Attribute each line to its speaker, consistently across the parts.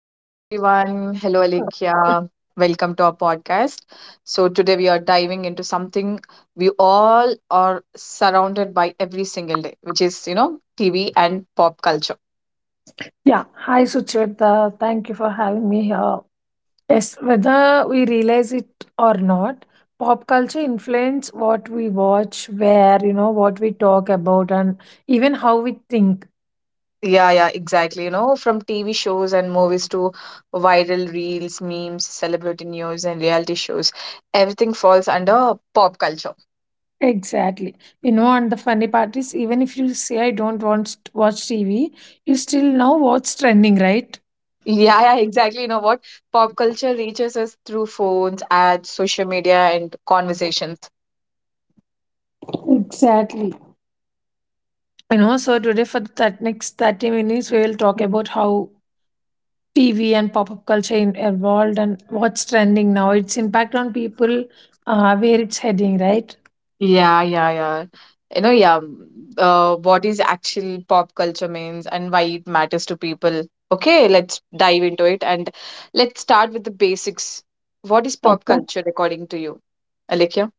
Speaker 1: Hello, everyone. Hello, Alekia. Welcome to our podcast. So, today we are diving into something we all are surrounded by every single day, which is, TV and pop culture.
Speaker 2: Yeah, hi Sucheta. Thank you for having me here. Yes, whether we realize it or not, pop culture influence what we watch, where, what we talk about and even how we think.
Speaker 1: Yeah, yeah, exactly. You know, from TV shows and movies to viral reels, memes, celebrity news, and reality shows, everything falls under pop culture.
Speaker 2: Exactly. You know, and the funny part is, even if you say I don't want to watch TV, you still know what's trending, right?
Speaker 1: Yeah, yeah, exactly. You know what? Pop culture reaches us through phones, ads, social media, and conversations.
Speaker 2: Exactly. You know, so today for that next 30 minutes, we will talk about how TV and pop-up culture evolved and what's trending now, its impact on people, where it's heading, right?
Speaker 1: Yeah, yeah, yeah. You know, yeah. What is actual pop culture means and why it matters to people. Okay, let's dive into it and let's start with the basics. What is pop
Speaker 2: Okay.
Speaker 1: culture according to you, Alekia?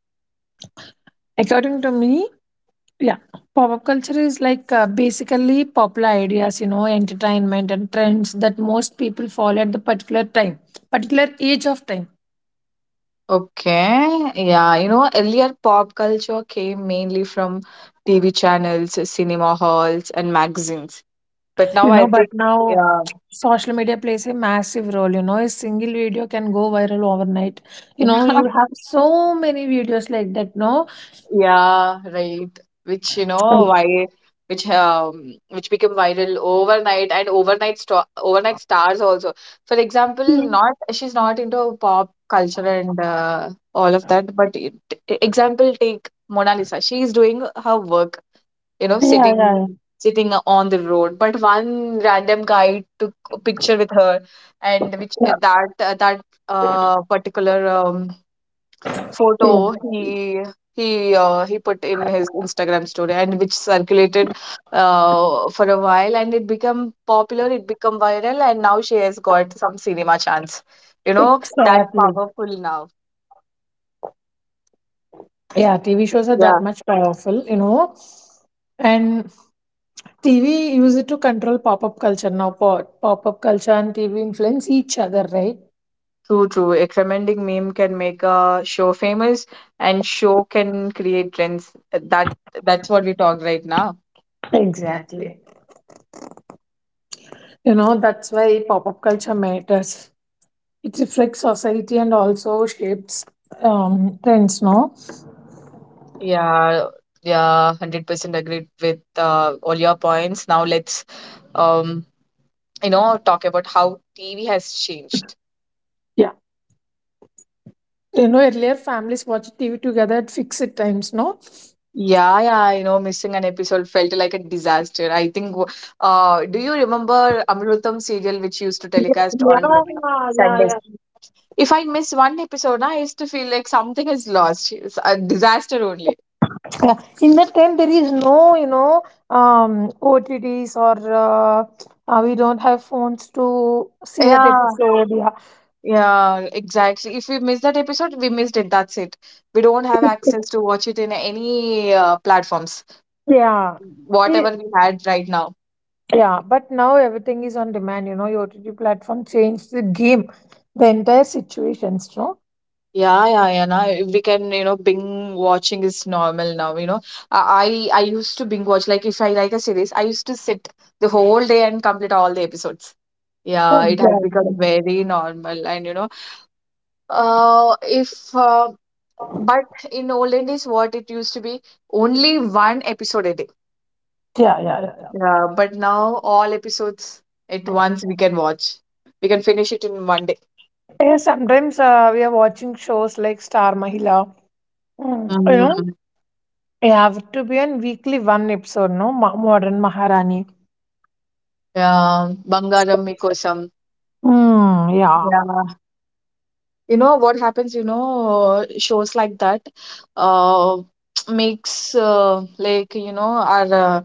Speaker 2: According to me, yeah, pop up culture is like basically popular ideas, you know, entertainment and trends that most people follow at the particular time, particular age of time,
Speaker 1: Okay, yeah, you know, earlier pop culture came mainly from TV channels, cinema halls, and magazines. But
Speaker 2: you
Speaker 1: now
Speaker 2: know.
Speaker 1: I
Speaker 2: But
Speaker 1: think,
Speaker 2: now,
Speaker 1: yeah.
Speaker 2: social media plays a massive role, you know. A single video can go viral overnight, you know. You have so many videos like that, no?
Speaker 1: Yeah, right. Which you know
Speaker 2: Okay.
Speaker 1: why, which became viral overnight and overnight sto overnight stars also. For
Speaker 2: Yeah,
Speaker 1: example, not she's not into pop culture and all of that, but it, example take Mona Lisa. She's doing her work, you know,
Speaker 2: yeah,
Speaker 1: sitting on the road, but one random guy took a picture with her, and which
Speaker 2: yeah,
Speaker 1: that particular
Speaker 2: yeah,
Speaker 1: photo he he put in his Instagram story, and which circulated for a while and it become popular, it become viral, and now she has got some cinema chance. You know, that
Speaker 2: exactly.
Speaker 1: powerful now.
Speaker 2: Yeah, TV shows are that
Speaker 1: Yeah.
Speaker 2: much powerful, you know, and TV used it to control pop up culture. Now, pop up culture and TV influence each other, right?
Speaker 1: True, true. A tremendous meme can make a show famous and show can create trends. That's what we talk right now.
Speaker 2: Exactly. You know, that's why pop up culture matters. It reflects society and also shapes trends, no?
Speaker 1: Yeah, yeah, 100% agreed with all your points. Now let's um you know, talk about how TV has changed.
Speaker 2: Yeah. You know, earlier families watched TV together at fixed times, no?
Speaker 1: Yeah, yeah, you know, missing an episode felt like a disaster. I think, do you remember Amrutam serial which used to telecast
Speaker 2: Yeah,
Speaker 1: on
Speaker 2: yeah,
Speaker 1: Sundays?
Speaker 2: yeah.
Speaker 1: If I miss one episode, na, I used to feel like something is lost. It's a disaster only.
Speaker 2: Yeah. In that time, there is no, you know, OTTs or we don't have phones to see that
Speaker 1: Yeah,
Speaker 2: episode.
Speaker 1: yeah, exactly. If we miss that episode, we missed it. That's it. We don't have access to watch it in any platforms,
Speaker 2: Yeah, yeah.
Speaker 1: whatever we had right now.
Speaker 2: Yeah, but now everything is on demand. You know, your OTT platform changed the game, the entire situations, no?
Speaker 1: Yeah, yeah, yeah. Now we can, you know, binge watching is normal now. You know, I used to binge watch. Like, if I like a series, I used to sit the whole day and complete all the episodes. Yeah, it has become
Speaker 2: Exactly.
Speaker 1: very normal. And you know, if but in olden days, what it used to be only one episode a day.
Speaker 2: Yeah, yeah, yeah, yeah.
Speaker 1: Yeah, but now all episodes at once we can watch. We can finish it in one day.
Speaker 2: Yeah, sometimes we are watching shows like Star Mahila. Mm, you know,
Speaker 1: Mm.
Speaker 2: you have to be on weekly one episode, no? Modern Maharani.
Speaker 1: Yeah, Bangarammi kosam.
Speaker 2: Mm, yeah,
Speaker 1: Yeah. You know what happens, you know, shows like that uh makes, like, you know, our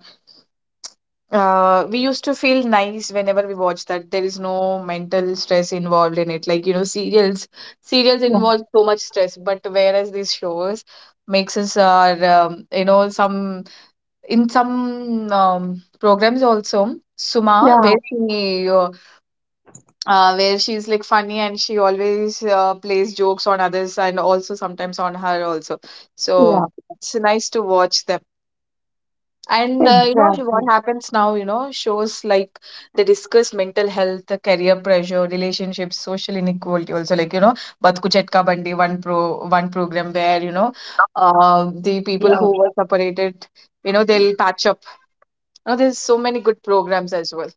Speaker 1: we used to feel nice whenever we watch that. There is no mental stress involved in it, like, you know, serials
Speaker 2: yeah,
Speaker 1: involve so much stress, but whereas these shows makes us our you know, some in some programs also, Suma, where
Speaker 2: yeah,
Speaker 1: she where she's like funny and she always plays jokes on others and also sometimes on her also.
Speaker 2: yeah,
Speaker 1: So it's nice to watch them. And you know what
Speaker 2: exactly.
Speaker 1: happens now, you know, shows like they discuss mental health, the career pressure, relationships, social inequality also, like, you know, Bat Kuch Atka Bandi, one program where, you know, the people
Speaker 2: Yeah,
Speaker 1: who were separated, you know, they'll patch up. You know, there's so many good programs as well.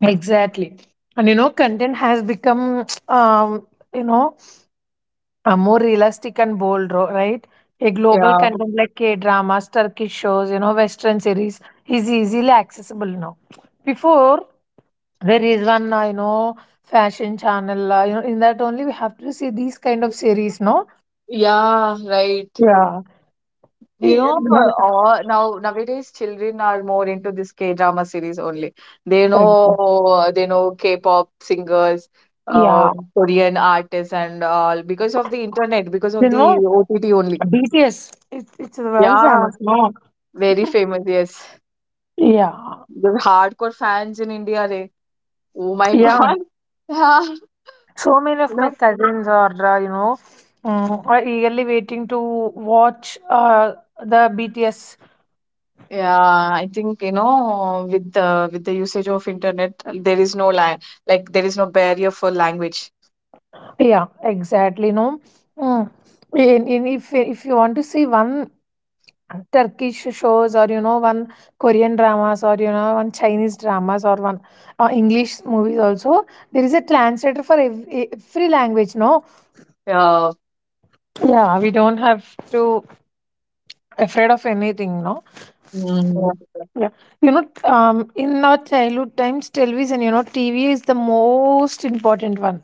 Speaker 2: exactly. And you know, content has become, you know, are more realistic and bold, right? A global
Speaker 1: Yeah.
Speaker 2: content like K dramas, Turkish shows, you know, Western series is easily accessible now. Before, there is one, you know, fashion channel, you know, in that only we have to see these kind of series, no?
Speaker 1: Yeah, right.
Speaker 2: Yeah.
Speaker 1: You
Speaker 2: Eh,
Speaker 1: know,
Speaker 2: no.
Speaker 1: now nowadays children are more into this K-drama series only. They know K-pop singers,
Speaker 2: Yeah.
Speaker 1: Korean artists and all because of the internet, because of
Speaker 2: You
Speaker 1: the
Speaker 2: know,
Speaker 1: OTT only.
Speaker 2: BTS, it's well
Speaker 1: Yeah,
Speaker 2: famous, no?
Speaker 1: very famous. Yes,
Speaker 2: Yeah.
Speaker 1: the hardcore fans in India. They, oh my
Speaker 2: Yeah.
Speaker 1: God. Yeah,
Speaker 2: So many
Speaker 1: you
Speaker 2: of
Speaker 1: know.
Speaker 2: my cousins are, you know, mm, are eagerly waiting to watch the BTS.
Speaker 1: Yeah, I think you know, with the usage of internet, there is no lang like there is no barrier for language.
Speaker 2: Yeah, exactly. No, mm. If you want to see one Turkish shows or you know one Korean dramas or you know one Chinese dramas or one English movies also, there is a translator for every language. No,
Speaker 1: Yeah.
Speaker 2: yeah, we don't have to afraid of anything. No. Yeah.
Speaker 1: Hmm.
Speaker 2: Yeah. You know, in our childhood times, television, you know, TV is the most important one.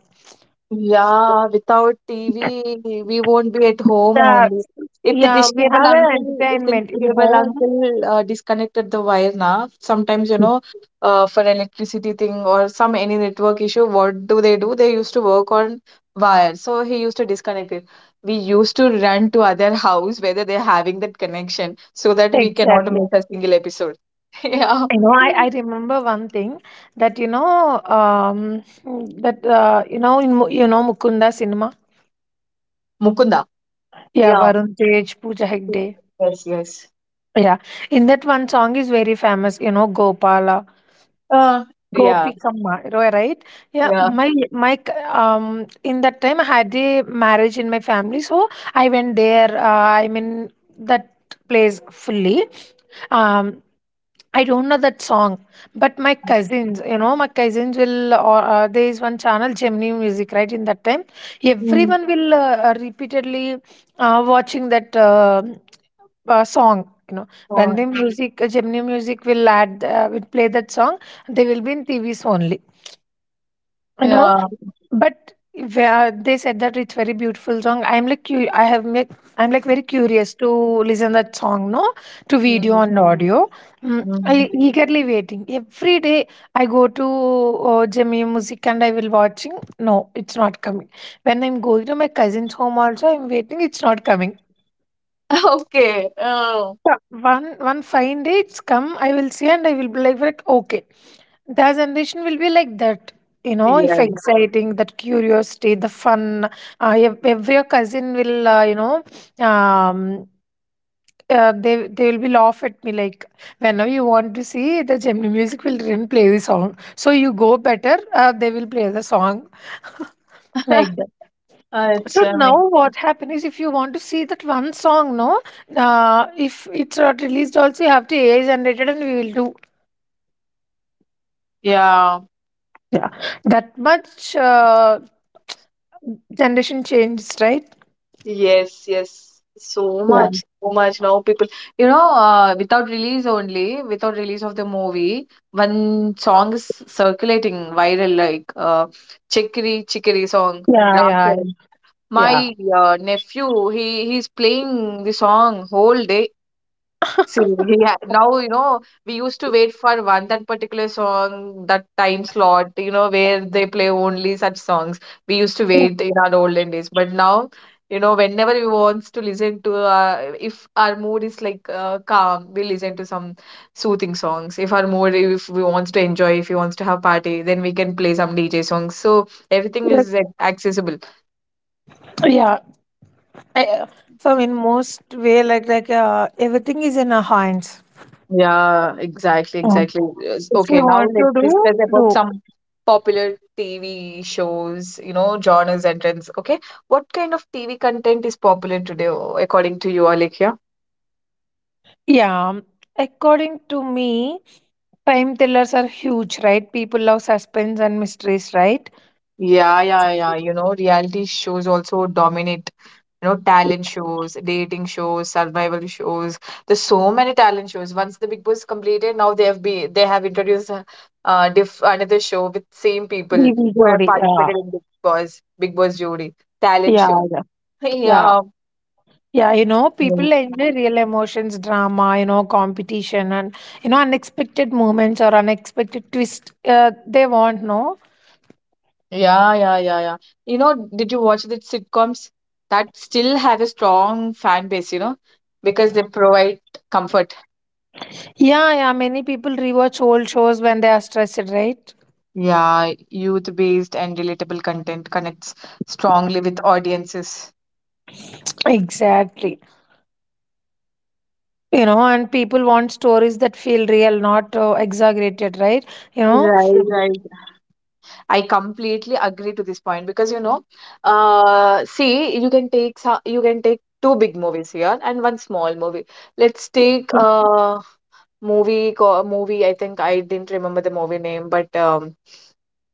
Speaker 1: Yeah, without TV, we won't be at home
Speaker 2: Yeah.
Speaker 1: only. If the
Speaker 2: Yeah,
Speaker 1: dish
Speaker 2: we
Speaker 1: cable
Speaker 2: have an
Speaker 1: uncle, if the dish
Speaker 2: entertainment in
Speaker 1: cable
Speaker 2: home.
Speaker 1: uncle disconnected the wire now, sometimes, you know, for electricity thing or some any network issue, what do? They used to work on wire. So he used to disconnect it. We used to run to other house whether they're having that connection so that we cannot
Speaker 2: Exactly.
Speaker 1: miss a single episode. Yeah.
Speaker 2: You know, I remember one thing that, you know, you know, you know, Mukunda cinema.
Speaker 1: Mukunda.
Speaker 2: Yeah,
Speaker 1: Yeah.
Speaker 2: Varun Tej, Pooja Hegde.
Speaker 1: Yes, yes.
Speaker 2: Yeah. In that one song is very famous, you know, Gopala.
Speaker 1: Uh, yeah,
Speaker 2: Gopikamma, right? Yeah,
Speaker 1: yeah.
Speaker 2: in that time I had a marriage in my family, so I went there. I mean that place fully. Um, I don't know that song, but my cousins, you know, my cousins will, or there is one channel, Gemini Music, right? In that time,
Speaker 1: Mm.
Speaker 2: everyone will repeatedly watching that song. You know, when
Speaker 1: Oh,
Speaker 2: the music, Gemini Music will add, will play that song, they will be in TVs only. You know,
Speaker 1: yeah.
Speaker 2: but where they said that it's very beautiful song, I'm like cu- I have make I'm like very curious to listen that song, no, to video
Speaker 1: Mm,
Speaker 2: and audio. Mm,
Speaker 1: mm.
Speaker 2: I eagerly waiting every day. I go to Jamia Music and I will watching. No, it's not coming. When I'm going to my cousin's home also, I'm waiting. It's not coming.
Speaker 1: Okay. Oh,
Speaker 2: Yeah, one fine day it's come, I will see and I will be like okay, their generation will be like that, you know, if
Speaker 1: yes.
Speaker 2: exciting, that curiosity, the fun. Every cousin will you know, um they will be laugh at me like whenever you want to see, the Gemini music will didn't play the song, so you go better, they will play the song like that. So
Speaker 1: अच्छा
Speaker 2: now what happen is, if you want to see that one song, no, if it's not released also, you have to AI generated and we will do.
Speaker 1: yeah.
Speaker 2: Yeah, that much generation changed, right?
Speaker 1: Yes, yes. So
Speaker 2: Yeah,
Speaker 1: much, so much. Now people, you know, without release only, without release of the movie, one song is circulating viral, like, Chickadee Chickadee song,
Speaker 2: yeah,
Speaker 1: Ram
Speaker 2: yeah,
Speaker 1: Charan.
Speaker 2: yeah.
Speaker 1: My nephew, he's playing the song whole day. So he had now, you know, we used to wait for one that particular song, that time slot, you know, where they play only such songs. We used to wait in our olden days, but now, you know, whenever we wants to listen to, if our mood is like calm, we listen to some soothing songs. If our mood, if we wants to enjoy, if we wants to have party, then we can play some DJ songs. So everything
Speaker 2: Like,
Speaker 1: is accessible.
Speaker 2: yeah. I, uh, so in most way, everything is in our hands.
Speaker 1: Yeah, exactly,
Speaker 2: Oh,
Speaker 1: exactly. Yes.
Speaker 2: if you
Speaker 1: Okay, now
Speaker 2: want
Speaker 1: let's
Speaker 2: to do,
Speaker 1: discuss about
Speaker 2: do.
Speaker 1: some popular TV shows, you know, genres and trends. Okay, what kind of TV content is popular today, according to you, Alekhya?
Speaker 2: Yeah. According to me, time thrillers are huge, right? People love suspense and mysteries, right?
Speaker 1: Yeah, yeah, yeah. You know, reality shows also dominate, you know, talent shows, dating shows, survival shows. There's so many talent shows. Once the Big Boss completed, now they have introduced, another show with same people
Speaker 2: DV
Speaker 1: who have
Speaker 2: Jodi. Yeah,
Speaker 1: participated in Big Boss, Big Boss Jodi talent
Speaker 2: yeah,
Speaker 1: show.
Speaker 2: yeah, yeah.
Speaker 1: Yeah,
Speaker 2: Yeah, you know, people
Speaker 1: yeah,
Speaker 2: enjoy real emotions, drama, you know, competition, and you know, unexpected moments or unexpected twist. They want, no.
Speaker 1: yeah, yeah, yeah, yeah. You know, did you watch the sitcoms that still have a strong fan base, you know, because they provide comfort.
Speaker 2: Yeah, yeah. Many people rewatch old shows when they are stressed, right?
Speaker 1: Yeah, youth based and relatable content connects strongly with audiences.
Speaker 2: Exactly. You know, and people want stories that feel real, not exaggerated, right? You know.
Speaker 1: Right, right. I completely agree to this point because, you know, see, you can take you can take two big movies here and one small movie. Let's take a movie. I think I didn't remember the movie name, but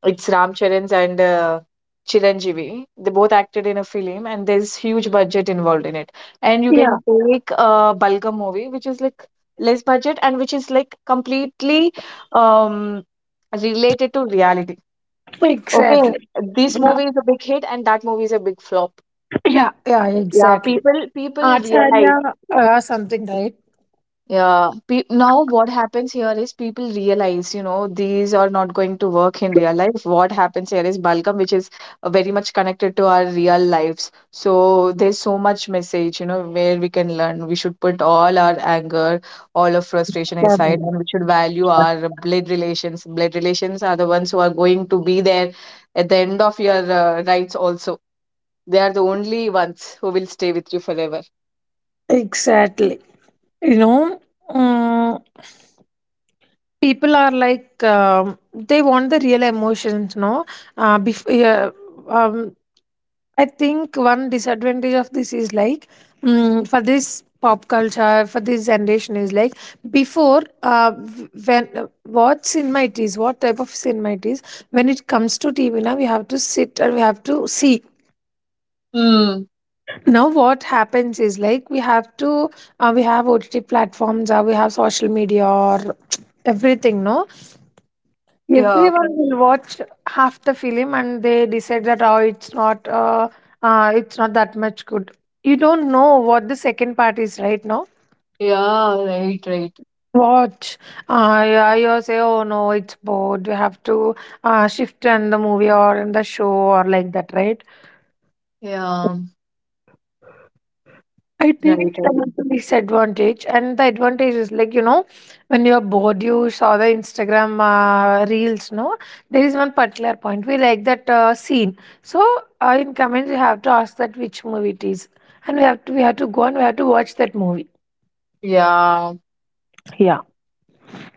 Speaker 1: it's Ram Charan's and Chiranjeevi. They both acted in a film, and there's huge budget involved in it. And you
Speaker 2: Yeah.
Speaker 1: can take a Balgam movie, which is like less budget and which is like completely um related to reality. Okay,
Speaker 2: Exactly.
Speaker 1: this
Speaker 2: Yeah.
Speaker 1: movie is a big hit and that movie is a big flop.
Speaker 2: Yeah. Yeah.
Speaker 1: Yeah,
Speaker 2: Exactly.
Speaker 1: people people realize.
Speaker 2: Acharya, something, right?
Speaker 1: Yeah, pe now what happens here is people realize, you know, these are not going to work in real life. What happens here is Balkam, which is very much connected to our real lives. So there's so much message, you know, where we can learn. We should put all our anger, all our frustration aside, and we should value
Speaker 2: Yeah.
Speaker 1: our blood relations. Blood relations are the ones who are going to be there at the end of your rights also. They are the only ones who will stay with you forever.
Speaker 2: Exactly. You know, mm, people are like they want the real emotions. No, yeah, um, I think one disadvantage of this is like mm, for this pop culture, for this generation is like before when what cinema it is, what type of cinema it is, when it comes to TV, now we have to sit and we have to see.
Speaker 1: Hmm.
Speaker 2: Now what happens is like, we have to we have OTT platforms, we have social media or everything, no,
Speaker 1: Yeah.
Speaker 2: everyone will watch half the film and they decide that, oh, it's not that much good. You don't know what the second part is right now.
Speaker 1: Yeah. Right. Right.
Speaker 2: Watch, yeah, you say oh no, it's bored, we have to shift in the movie or in the show or like that, right?
Speaker 1: Yeah.
Speaker 2: I
Speaker 1: Right.
Speaker 2: think
Speaker 1: Right.
Speaker 2: that is the disadvantage, and the advantage is like, you know, when you are bored, you saw the Instagram reels. No, there is one particular point we like that scene. So in comments, you have to ask that which movie it is, and we have to go and we have to watch that movie.
Speaker 1: Yeah.
Speaker 2: Yeah.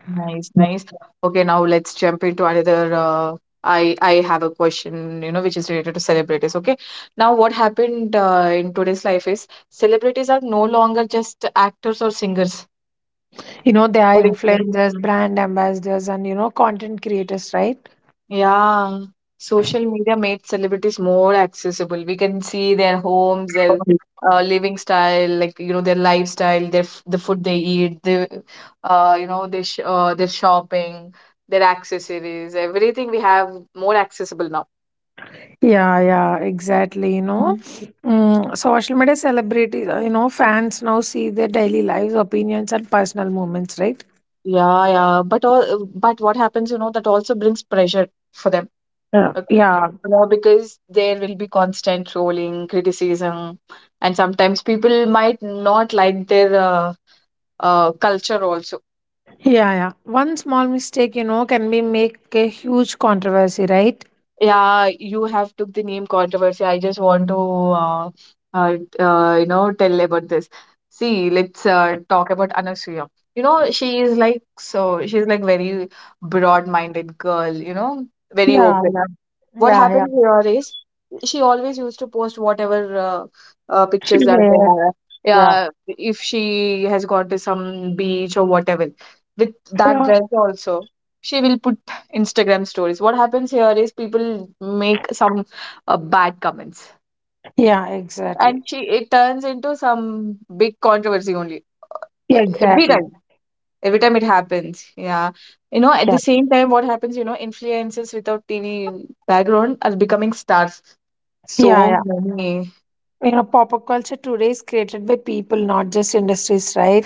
Speaker 1: Nice. Nice. Okay. Now let's jump into another. I have a question. You know, which is related to celebrities. Okay. Now, what happened in today's life is celebrities are no longer just actors or singers.
Speaker 2: You know, there are
Speaker 1: What do you think?
Speaker 2: influencers, brand ambassadors, and you know, content creators, right?
Speaker 1: Yeah, social media made celebrities more accessible. We can see their homes, like, you know, their lifestyle, the food they eat, the you know, their shopping, their accessories, everything we have more accessible now.
Speaker 2: Yeah, yeah, exactly. You know,
Speaker 1: Mhm.
Speaker 2: mm, social media celebrities, you know, fans now see their daily lives, opinions, and personal moments, right?
Speaker 1: Yeah, yeah. But what happens, you know, that also brings pressure for them.
Speaker 2: Yeah.
Speaker 1: uh,
Speaker 2: Yeah,
Speaker 1: You know, because there will be constant trolling, criticism, and sometimes people might not like their culture also.
Speaker 2: yeah, yeah. One small mistake, you know, can be make a huge controversy, right?
Speaker 1: Yeah, you have took the name controversy. I just want to, you know, tell about this. See, let's talk about Anasuya. You know, she's like very broad-minded girl, you know, very
Speaker 2: Yeah.
Speaker 1: open.
Speaker 2: Yeah.
Speaker 1: What
Speaker 2: Yeah, yeah,
Speaker 1: happened here is she always used to post whatever pictures that they have.
Speaker 2: yeah. Yeah.
Speaker 1: Yeah, if she has gone to some beach or whatever, with that
Speaker 2: Yeah.
Speaker 1: dress also, she will put Instagram stories. What happens here is people make some bad comments,
Speaker 2: Yeah, exactly.
Speaker 1: and she it turns into some big controversy only
Speaker 2: Yeah,
Speaker 1: every
Speaker 2: exactly.
Speaker 1: time. Every time it happens, yeah. You know, at
Speaker 2: Yeah.
Speaker 1: the same time, what happens, you know, influencers without TV background are becoming stars,
Speaker 2: Yeah,
Speaker 1: so
Speaker 2: yeah.
Speaker 1: many.
Speaker 2: You know, pop culture today is created by people, not just industries, right?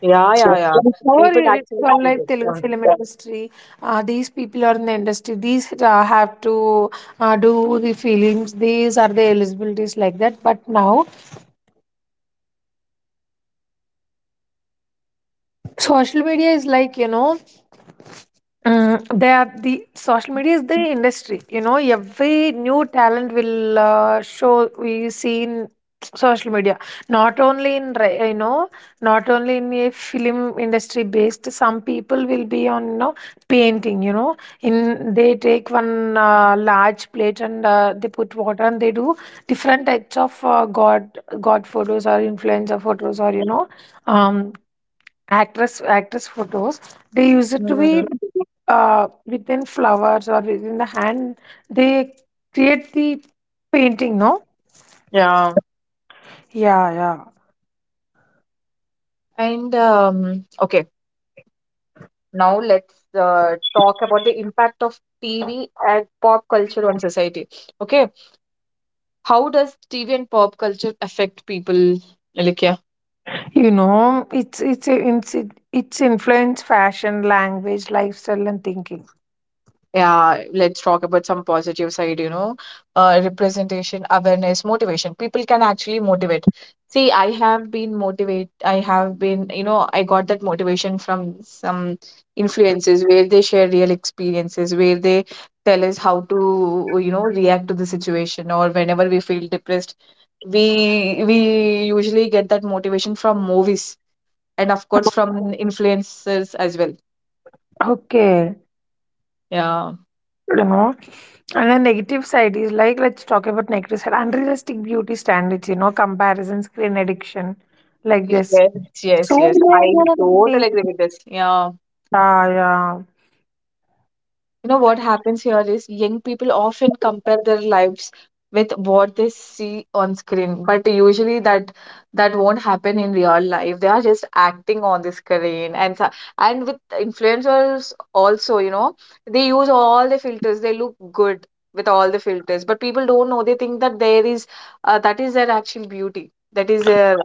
Speaker 1: Yeah, yeah, yeah.
Speaker 2: Or
Speaker 1: People
Speaker 2: it's
Speaker 1: actually
Speaker 2: for
Speaker 1: did
Speaker 2: like
Speaker 1: it.
Speaker 2: Telugu
Speaker 1: Yeah.
Speaker 2: film industry. These people are in the industry. These have to do the films. These are the eligibilities like that. But now social media is like, you know, mm, they are, the social media is the industry. You know, every new talent will show, we see in social media. Not only in you know, not only in a film industry based. Some people will be on, you know, painting. You know, in they take one large plate and they put water and they do different types of god photos or influencer photos or you know um actress photos. They used it to be
Speaker 1: Mhm.
Speaker 2: within flowers or within the hand, they create the painting, no?
Speaker 1: Yeah.
Speaker 2: Yeah, yeah.
Speaker 1: And okay, now let's talk about the impact of TV and pop culture on society. Okay, how does TV and pop culture affect people, like, yeah.
Speaker 2: You know, it's influence fashion, language, lifestyle and thinking.
Speaker 1: Yeah, let's talk about some positive side, representation, awareness, motivation. People can actually motivate. See, I have been motivate. I have been, I got that motivation from some influences where they share real experiences, where they tell us how to, react to the situation or whenever we feel depressed. We usually get that motivation from movies and of course from influencers as well.
Speaker 2: Okay,
Speaker 1: Yeah.
Speaker 2: you know, and the negative side is like, let's talk about negative side: unrealistic beauty standards, you know, comparison, screen addiction, like this,
Speaker 1: Yes,
Speaker 2: so
Speaker 1: yes, yes. I
Speaker 2: many.
Speaker 1: totally agree with this. Yeah,
Speaker 2: Yeah, yeah,
Speaker 1: what happens here is young people often compare their lives with what they see on screen, but usually that won't happen in real life. They are just acting on the screen. And so, and with influencers also, they use all the filters, they look good with all the filters, but people don't know. They think that there is that is their actual beauty, that is their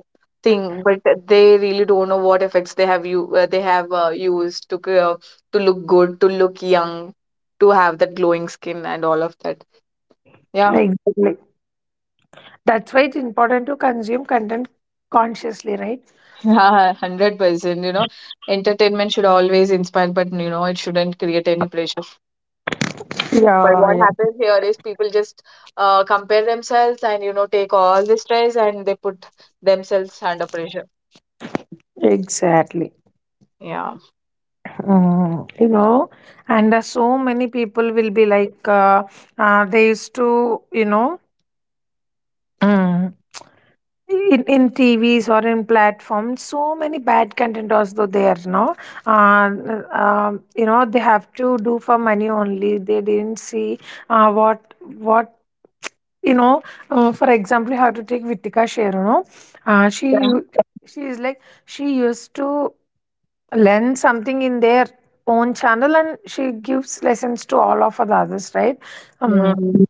Speaker 1: thing, but they really don't know what effects they have. You they have used to look good, to look young, to have that glowing skin and all of that. Yeah,
Speaker 2: exactly. That's why it's important to consume content consciously, right?
Speaker 1: yeah, 100%. You know, entertainment should always inspire, but it shouldn't create any pressure. But
Speaker 2: Yeah,
Speaker 1: what
Speaker 2: yeah.
Speaker 1: happens here is people just compare themselves and, take all the stress and they put themselves under pressure. Yeah.
Speaker 2: Mm, you know, and so many people will be like, they used to, you know, mm, in TVs or in platforms, so many bad content also there, no? You know, they have to do for money only. They didn't see uh, what, what you know, for example, you have to take Vitika Sher. Uh, she
Speaker 1: Yeah.
Speaker 2: u- she is like, she used to learn something in their own channel, and she gives lessons to all of the others, right? um
Speaker 1: Mm,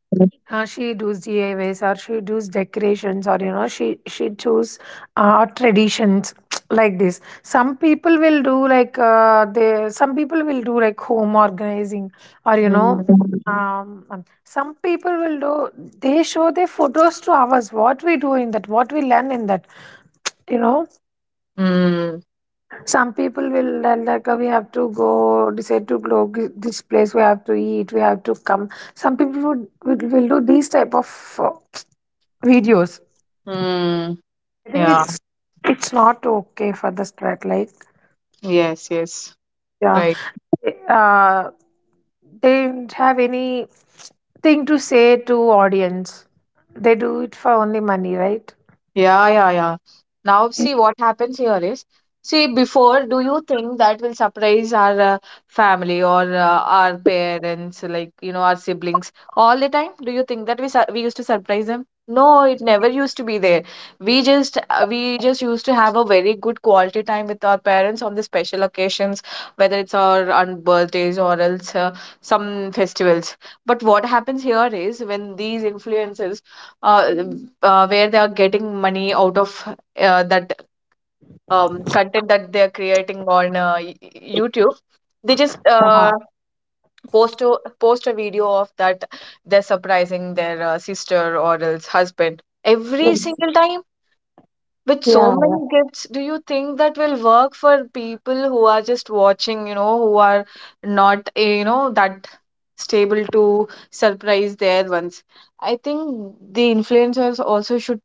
Speaker 2: she does DIYs, or she does decorations, or you know she choose traditions like this. Some people will do like, they some people will do like home organizing, or you know.
Speaker 1: mm,
Speaker 2: Some people will do, they show their photos to ours, what we do in that, what we learn in that, you know.
Speaker 1: mm,
Speaker 2: Some people will tell that, "Oh, we have to go, decide to go this place, we have to eat, we have to come." Some people would will do these type of videos.
Speaker 1: mm.
Speaker 2: I think
Speaker 1: Yeah.
Speaker 2: it's not okay for the strike. Like
Speaker 1: Yes, yes.
Speaker 2: yeah,
Speaker 1: Right.
Speaker 2: uh, they don't have any thing to say to audience. They do it for only money, right?
Speaker 1: Yeah, yeah, yeah. Now, see what happens here is, see, before, do you think that will surprise our family or our parents, like, our siblings all the time? Do you think that we used to surprise them? No, it never used to be there. We just used to have a very good quality time with our parents on the special occasions, whether it's our on birthdays or else some festivals. But what happens here is when these influences uh, where they are getting money out of that content that they are creating on YouTube. They just post a video of that they're surprising their sister or else husband
Speaker 2: Yeah.
Speaker 1: every single time. With so
Speaker 2: Yeah.
Speaker 1: many gifts, do you think that will work for people who are just watching, who are not, that stable to surprise their ones. I think the influencers also should,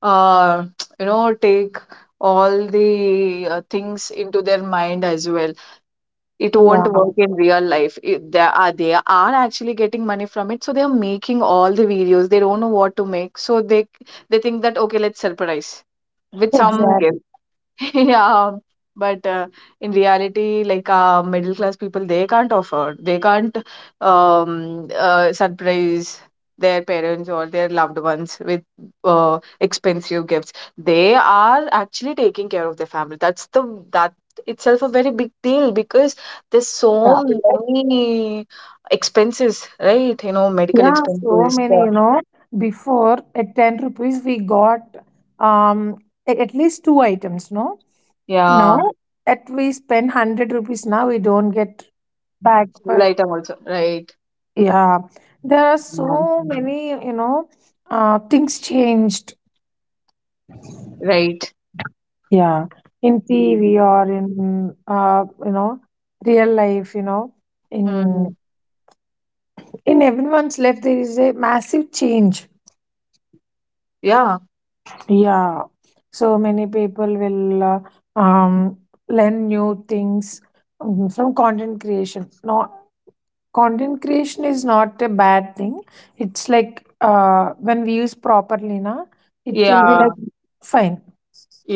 Speaker 1: uh, take all the things into their mind as well. It
Speaker 2: Yeah.
Speaker 1: won't work in real life. They are actually getting money from it, so they are making all the videos. They don't know what to make, so they think that okay, let's surprise with some gift.
Speaker 2: Exactly.
Speaker 1: Yeah, but in reality, like middle class people, they can't afford, they can't surprise their parents or their loved ones with expensive gifts. They are actually taking care of their family. That itself a very big deal because there's
Speaker 2: Yeah.
Speaker 1: so many expenses, right? You know, medical
Speaker 2: Yeah, so
Speaker 1: expenses.
Speaker 2: many, you know, before at 10 rupees we got, um at least two items, no? Now
Speaker 1: Yeah,
Speaker 2: at we spend 100 rupees, now we don't get back
Speaker 1: single
Speaker 2: for,
Speaker 1: item also, right?
Speaker 2: yeah. There are
Speaker 1: Um,
Speaker 2: so many, you know, things changed.
Speaker 1: right.
Speaker 2: Yeah. In TV or in you know real life, you know,
Speaker 1: Mm,
Speaker 2: in in everyone's life there is a massive change.
Speaker 1: yeah,
Speaker 2: Yeah, so many people will um, learn new things from content creation. No, content creation is not a bad thing. It's like when we use properly, na, it will be
Speaker 1: yeah.
Speaker 2: like fine.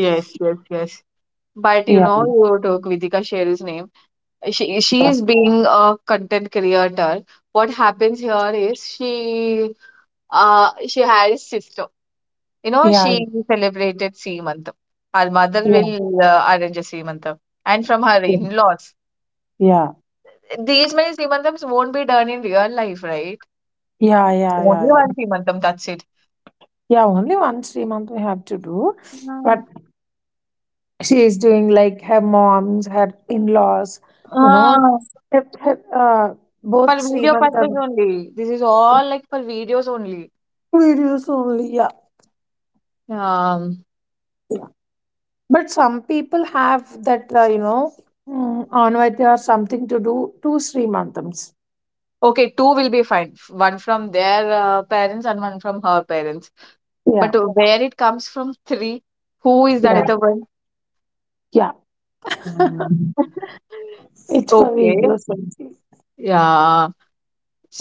Speaker 1: Yes, yes, yes. But you
Speaker 2: Yeah,
Speaker 1: know, you took Vidika Sherill's name. She
Speaker 2: yeah,
Speaker 1: is being a content creator. What happens here is she had a sister. You know,
Speaker 2: yeah,
Speaker 1: she celebrated Seemantam. Her mother
Speaker 2: yeah,
Speaker 1: will arrange a Seemantam, and from her
Speaker 2: yeah,
Speaker 1: in-laws.
Speaker 2: yeah,
Speaker 1: These many Seemantams won't be done in real life, right?
Speaker 2: yeah, yeah,
Speaker 1: Only
Speaker 2: yeah.
Speaker 1: one Seemantam, that's it.
Speaker 2: Yeah, only one stream month we have to do,
Speaker 1: Yeah.
Speaker 2: but she is doing like her mom's, her in-laws, you know,
Speaker 1: Ah,
Speaker 2: her, her, uh,
Speaker 1: for
Speaker 2: both
Speaker 1: video
Speaker 2: Srimanth
Speaker 1: purpose only. This is all like for videos only.
Speaker 2: videos only, yeah.
Speaker 1: Um,
Speaker 2: But some people have that, you know, anvati or something to do to Srimantams.
Speaker 1: Okay, two will be fine. One from their parents and one from her parents.
Speaker 2: Yeah,
Speaker 1: But where it comes from, three, who is the
Speaker 2: yeah,
Speaker 1: other one?
Speaker 2: yeah.
Speaker 1: Mhm.
Speaker 2: It's for
Speaker 1: Okay.
Speaker 2: videos only.
Speaker 1: Yeah.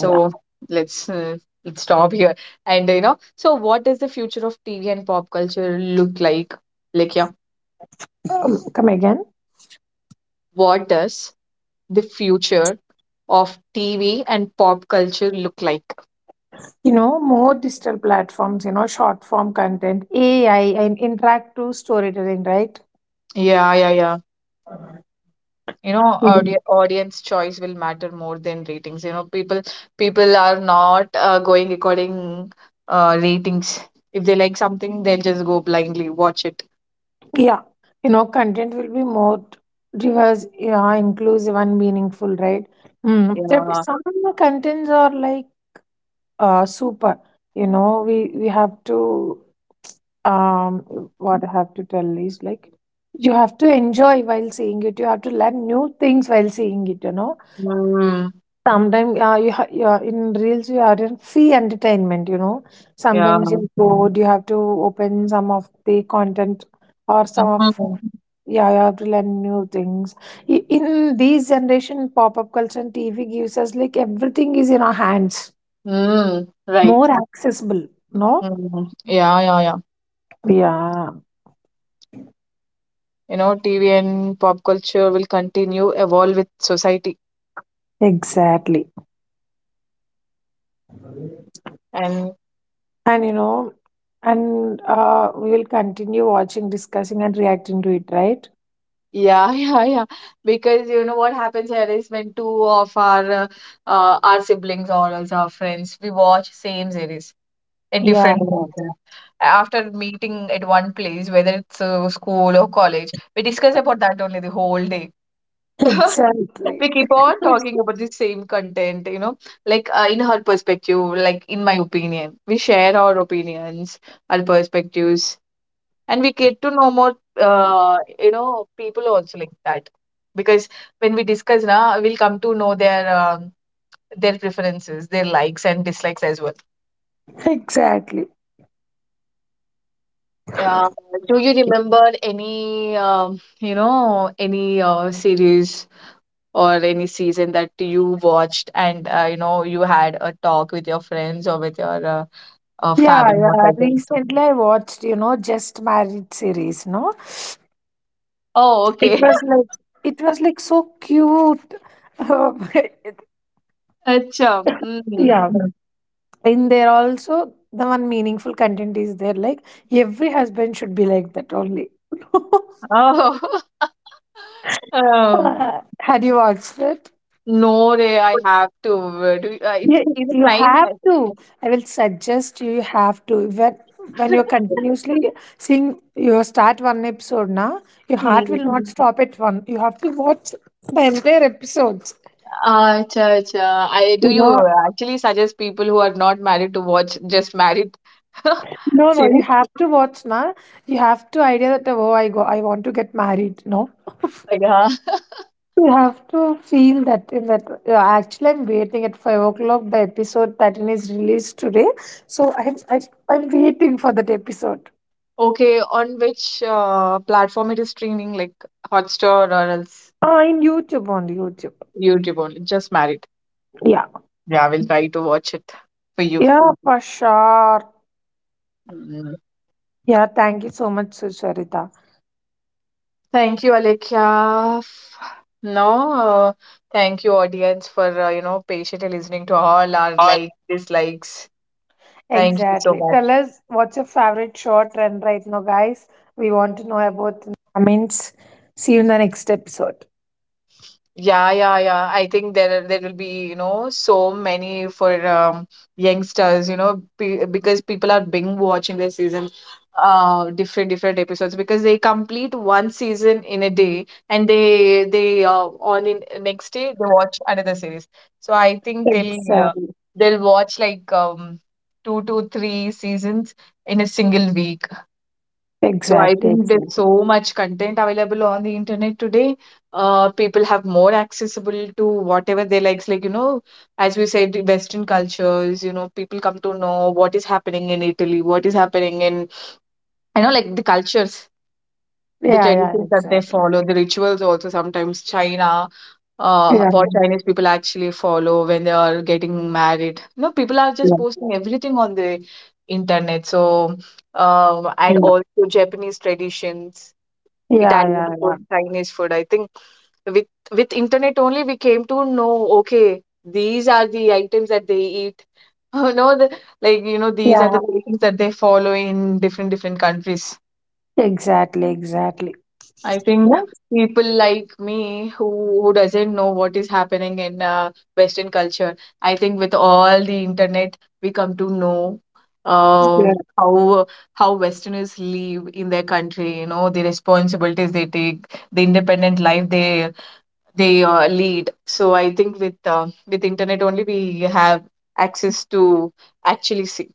Speaker 2: Yeah.
Speaker 1: let's uh, let's stop here. And you know, so what does the future of TV and pop culture look like? Like, yeah,
Speaker 2: Come again.
Speaker 1: what does the future of TV and pop culture look like?
Speaker 2: You know, more digital platforms, you know, short form content, AI, and interactive storytelling, right?
Speaker 1: Yeah, yeah, yeah. You know,
Speaker 2: Yeah.
Speaker 1: audience choice will matter more than ratings. You know, people are not going according ratings. If they like something, they'll just go blindly watch it.
Speaker 2: Yeah, you know, content will be more diverse, yeah, inclusive and meaningful, right? Mm. There be
Speaker 1: Yeah,
Speaker 2: some of the contents are like super. You know, we have to, um what I have to tell is like, you have to enjoy while seeing it. You have to learn new things while seeing it. You know.
Speaker 1: mm,
Speaker 2: Sometimes you are in reels, you are in free entertainment. You know,
Speaker 1: yeah,
Speaker 2: sometimes you're bored. You have to open some of the content or some of,
Speaker 1: mm,
Speaker 2: yeah, you have to learn new things. In these generation, pop up culture and TV gives us like everything is in our hands,
Speaker 1: mm, right,
Speaker 2: more accessible. No,
Speaker 1: mm. Yeah, yeah, yeah.
Speaker 2: yeah,
Speaker 1: You know, TV and pop culture will continue evolve with society.
Speaker 2: exactly.
Speaker 1: And
Speaker 2: And you know, and we will continue watching, discussing, and reacting to it. Right?
Speaker 1: yeah, yeah, yeah. Because what happens here is when two of our siblings or else our friends, we watch same series in
Speaker 2: Yeah,
Speaker 1: different places. After meeting at one place, whether it's school or college, we discuss about that only the whole day.
Speaker 2: exactly.
Speaker 1: We keep on talking about the same content, like in her perspective, like in my opinion, we share our opinions, our perspectives and we get to know more people also like that because when we discuss now we'll come to know their preferences, their likes and dislikes as well.
Speaker 2: Exactly.
Speaker 1: uh, do you remember any any series or any season that you watched and, you had a talk with your friends or with your
Speaker 2: Yeah,
Speaker 1: family or
Speaker 2: yeah.
Speaker 1: cousins?
Speaker 2: Recently I watched, you know, Just Married series, no?
Speaker 1: Oh,
Speaker 2: It
Speaker 1: okay.
Speaker 2: was like, so cute. Um,
Speaker 1: Acha. Hmm.
Speaker 2: yeah. And there also the one meaningful content is there. Like every husband should be like that only.
Speaker 1: Oh, Um,
Speaker 2: Had you watched it?
Speaker 1: no, Ray, I have to. Do it's it's
Speaker 2: You
Speaker 1: nice.
Speaker 2: have to. I will suggest you, you have to. When you're continuously seeing, you start one episode now, your heart
Speaker 1: Hmm.
Speaker 2: will not stop at one. You have to watch the entire episodes.
Speaker 1: Ah, acha, acha. I Do
Speaker 2: You
Speaker 1: you
Speaker 2: know,
Speaker 1: actually suggest people who are not married to watch Just Married
Speaker 2: no, no, you
Speaker 1: series?
Speaker 2: have to watch now. You have to idea that, oh, I want to get married. No,
Speaker 1: Like, huh?
Speaker 2: you have to feel that in that. Actually, I'm waiting at 5 o'clock. The episode 13 is released today. So I'm, I, I'm waiting for that episode.
Speaker 1: Okay, on which platform it is streaming, like Hotstar or else
Speaker 2: Ah, in YouTube, on YouTube.
Speaker 1: YouTube only? Just Married.
Speaker 2: Yeah.
Speaker 1: Yeah, I will try to watch it for
Speaker 2: Yeah, for sure.
Speaker 1: you.
Speaker 2: Yeah, thank you so much, Sucharita.
Speaker 1: Thank you, Alekhya. No, thank you, audience, for patiently listening to all our like dislikes. Thank you so much. Yeah, yeah, yeah. I think there will be, so many for youngsters, pe because people are binge watching their seasons, different different episodes because they complete one season in a day and they on in next day they watch another series. So I think
Speaker 2: Exactly.
Speaker 1: they'll watch like two to three seasons in a single week. So I
Speaker 2: Exactly.
Speaker 1: think there's
Speaker 2: Exactly.
Speaker 1: so much content available on the internet today. People have more accessible to whatever they likes. Like, as we said, the Western cultures, people come to know what is happening in Italy, what is happening in, I know, like the cultures, the
Speaker 2: Yeah. Yeah.
Speaker 1: traditions that they
Speaker 2: Exactly.
Speaker 1: follow, the rituals also sometimes China,
Speaker 2: Yeah.
Speaker 1: what Chinese people actually follow when they are getting married. You know, people are
Speaker 2: Yeah.
Speaker 1: just posting everything on the internet. So, and
Speaker 2: Yeah.
Speaker 1: also Japanese traditions,
Speaker 2: Yeah. Yeah.
Speaker 1: Italian
Speaker 2: Yeah.
Speaker 1: food, Chinese food. I think with with internet only we came to know, okay, these are the items that they eat. Oh no, like, these are the
Speaker 2: Yeah.
Speaker 1: traditions that they follow in different different countries.
Speaker 2: Exactly. Exactly.
Speaker 1: I think
Speaker 2: What's
Speaker 1: people like me who doesn't know what is happening in Western culture, I think with all the internet we come to know uh,
Speaker 2: good?
Speaker 1: how how Westerners live in their country, the responsibilities they take, the independent life they lead. So I think with internet only we have access to actually see.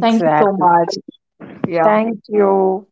Speaker 1: Thank you so much. Yeah.
Speaker 2: Thank you.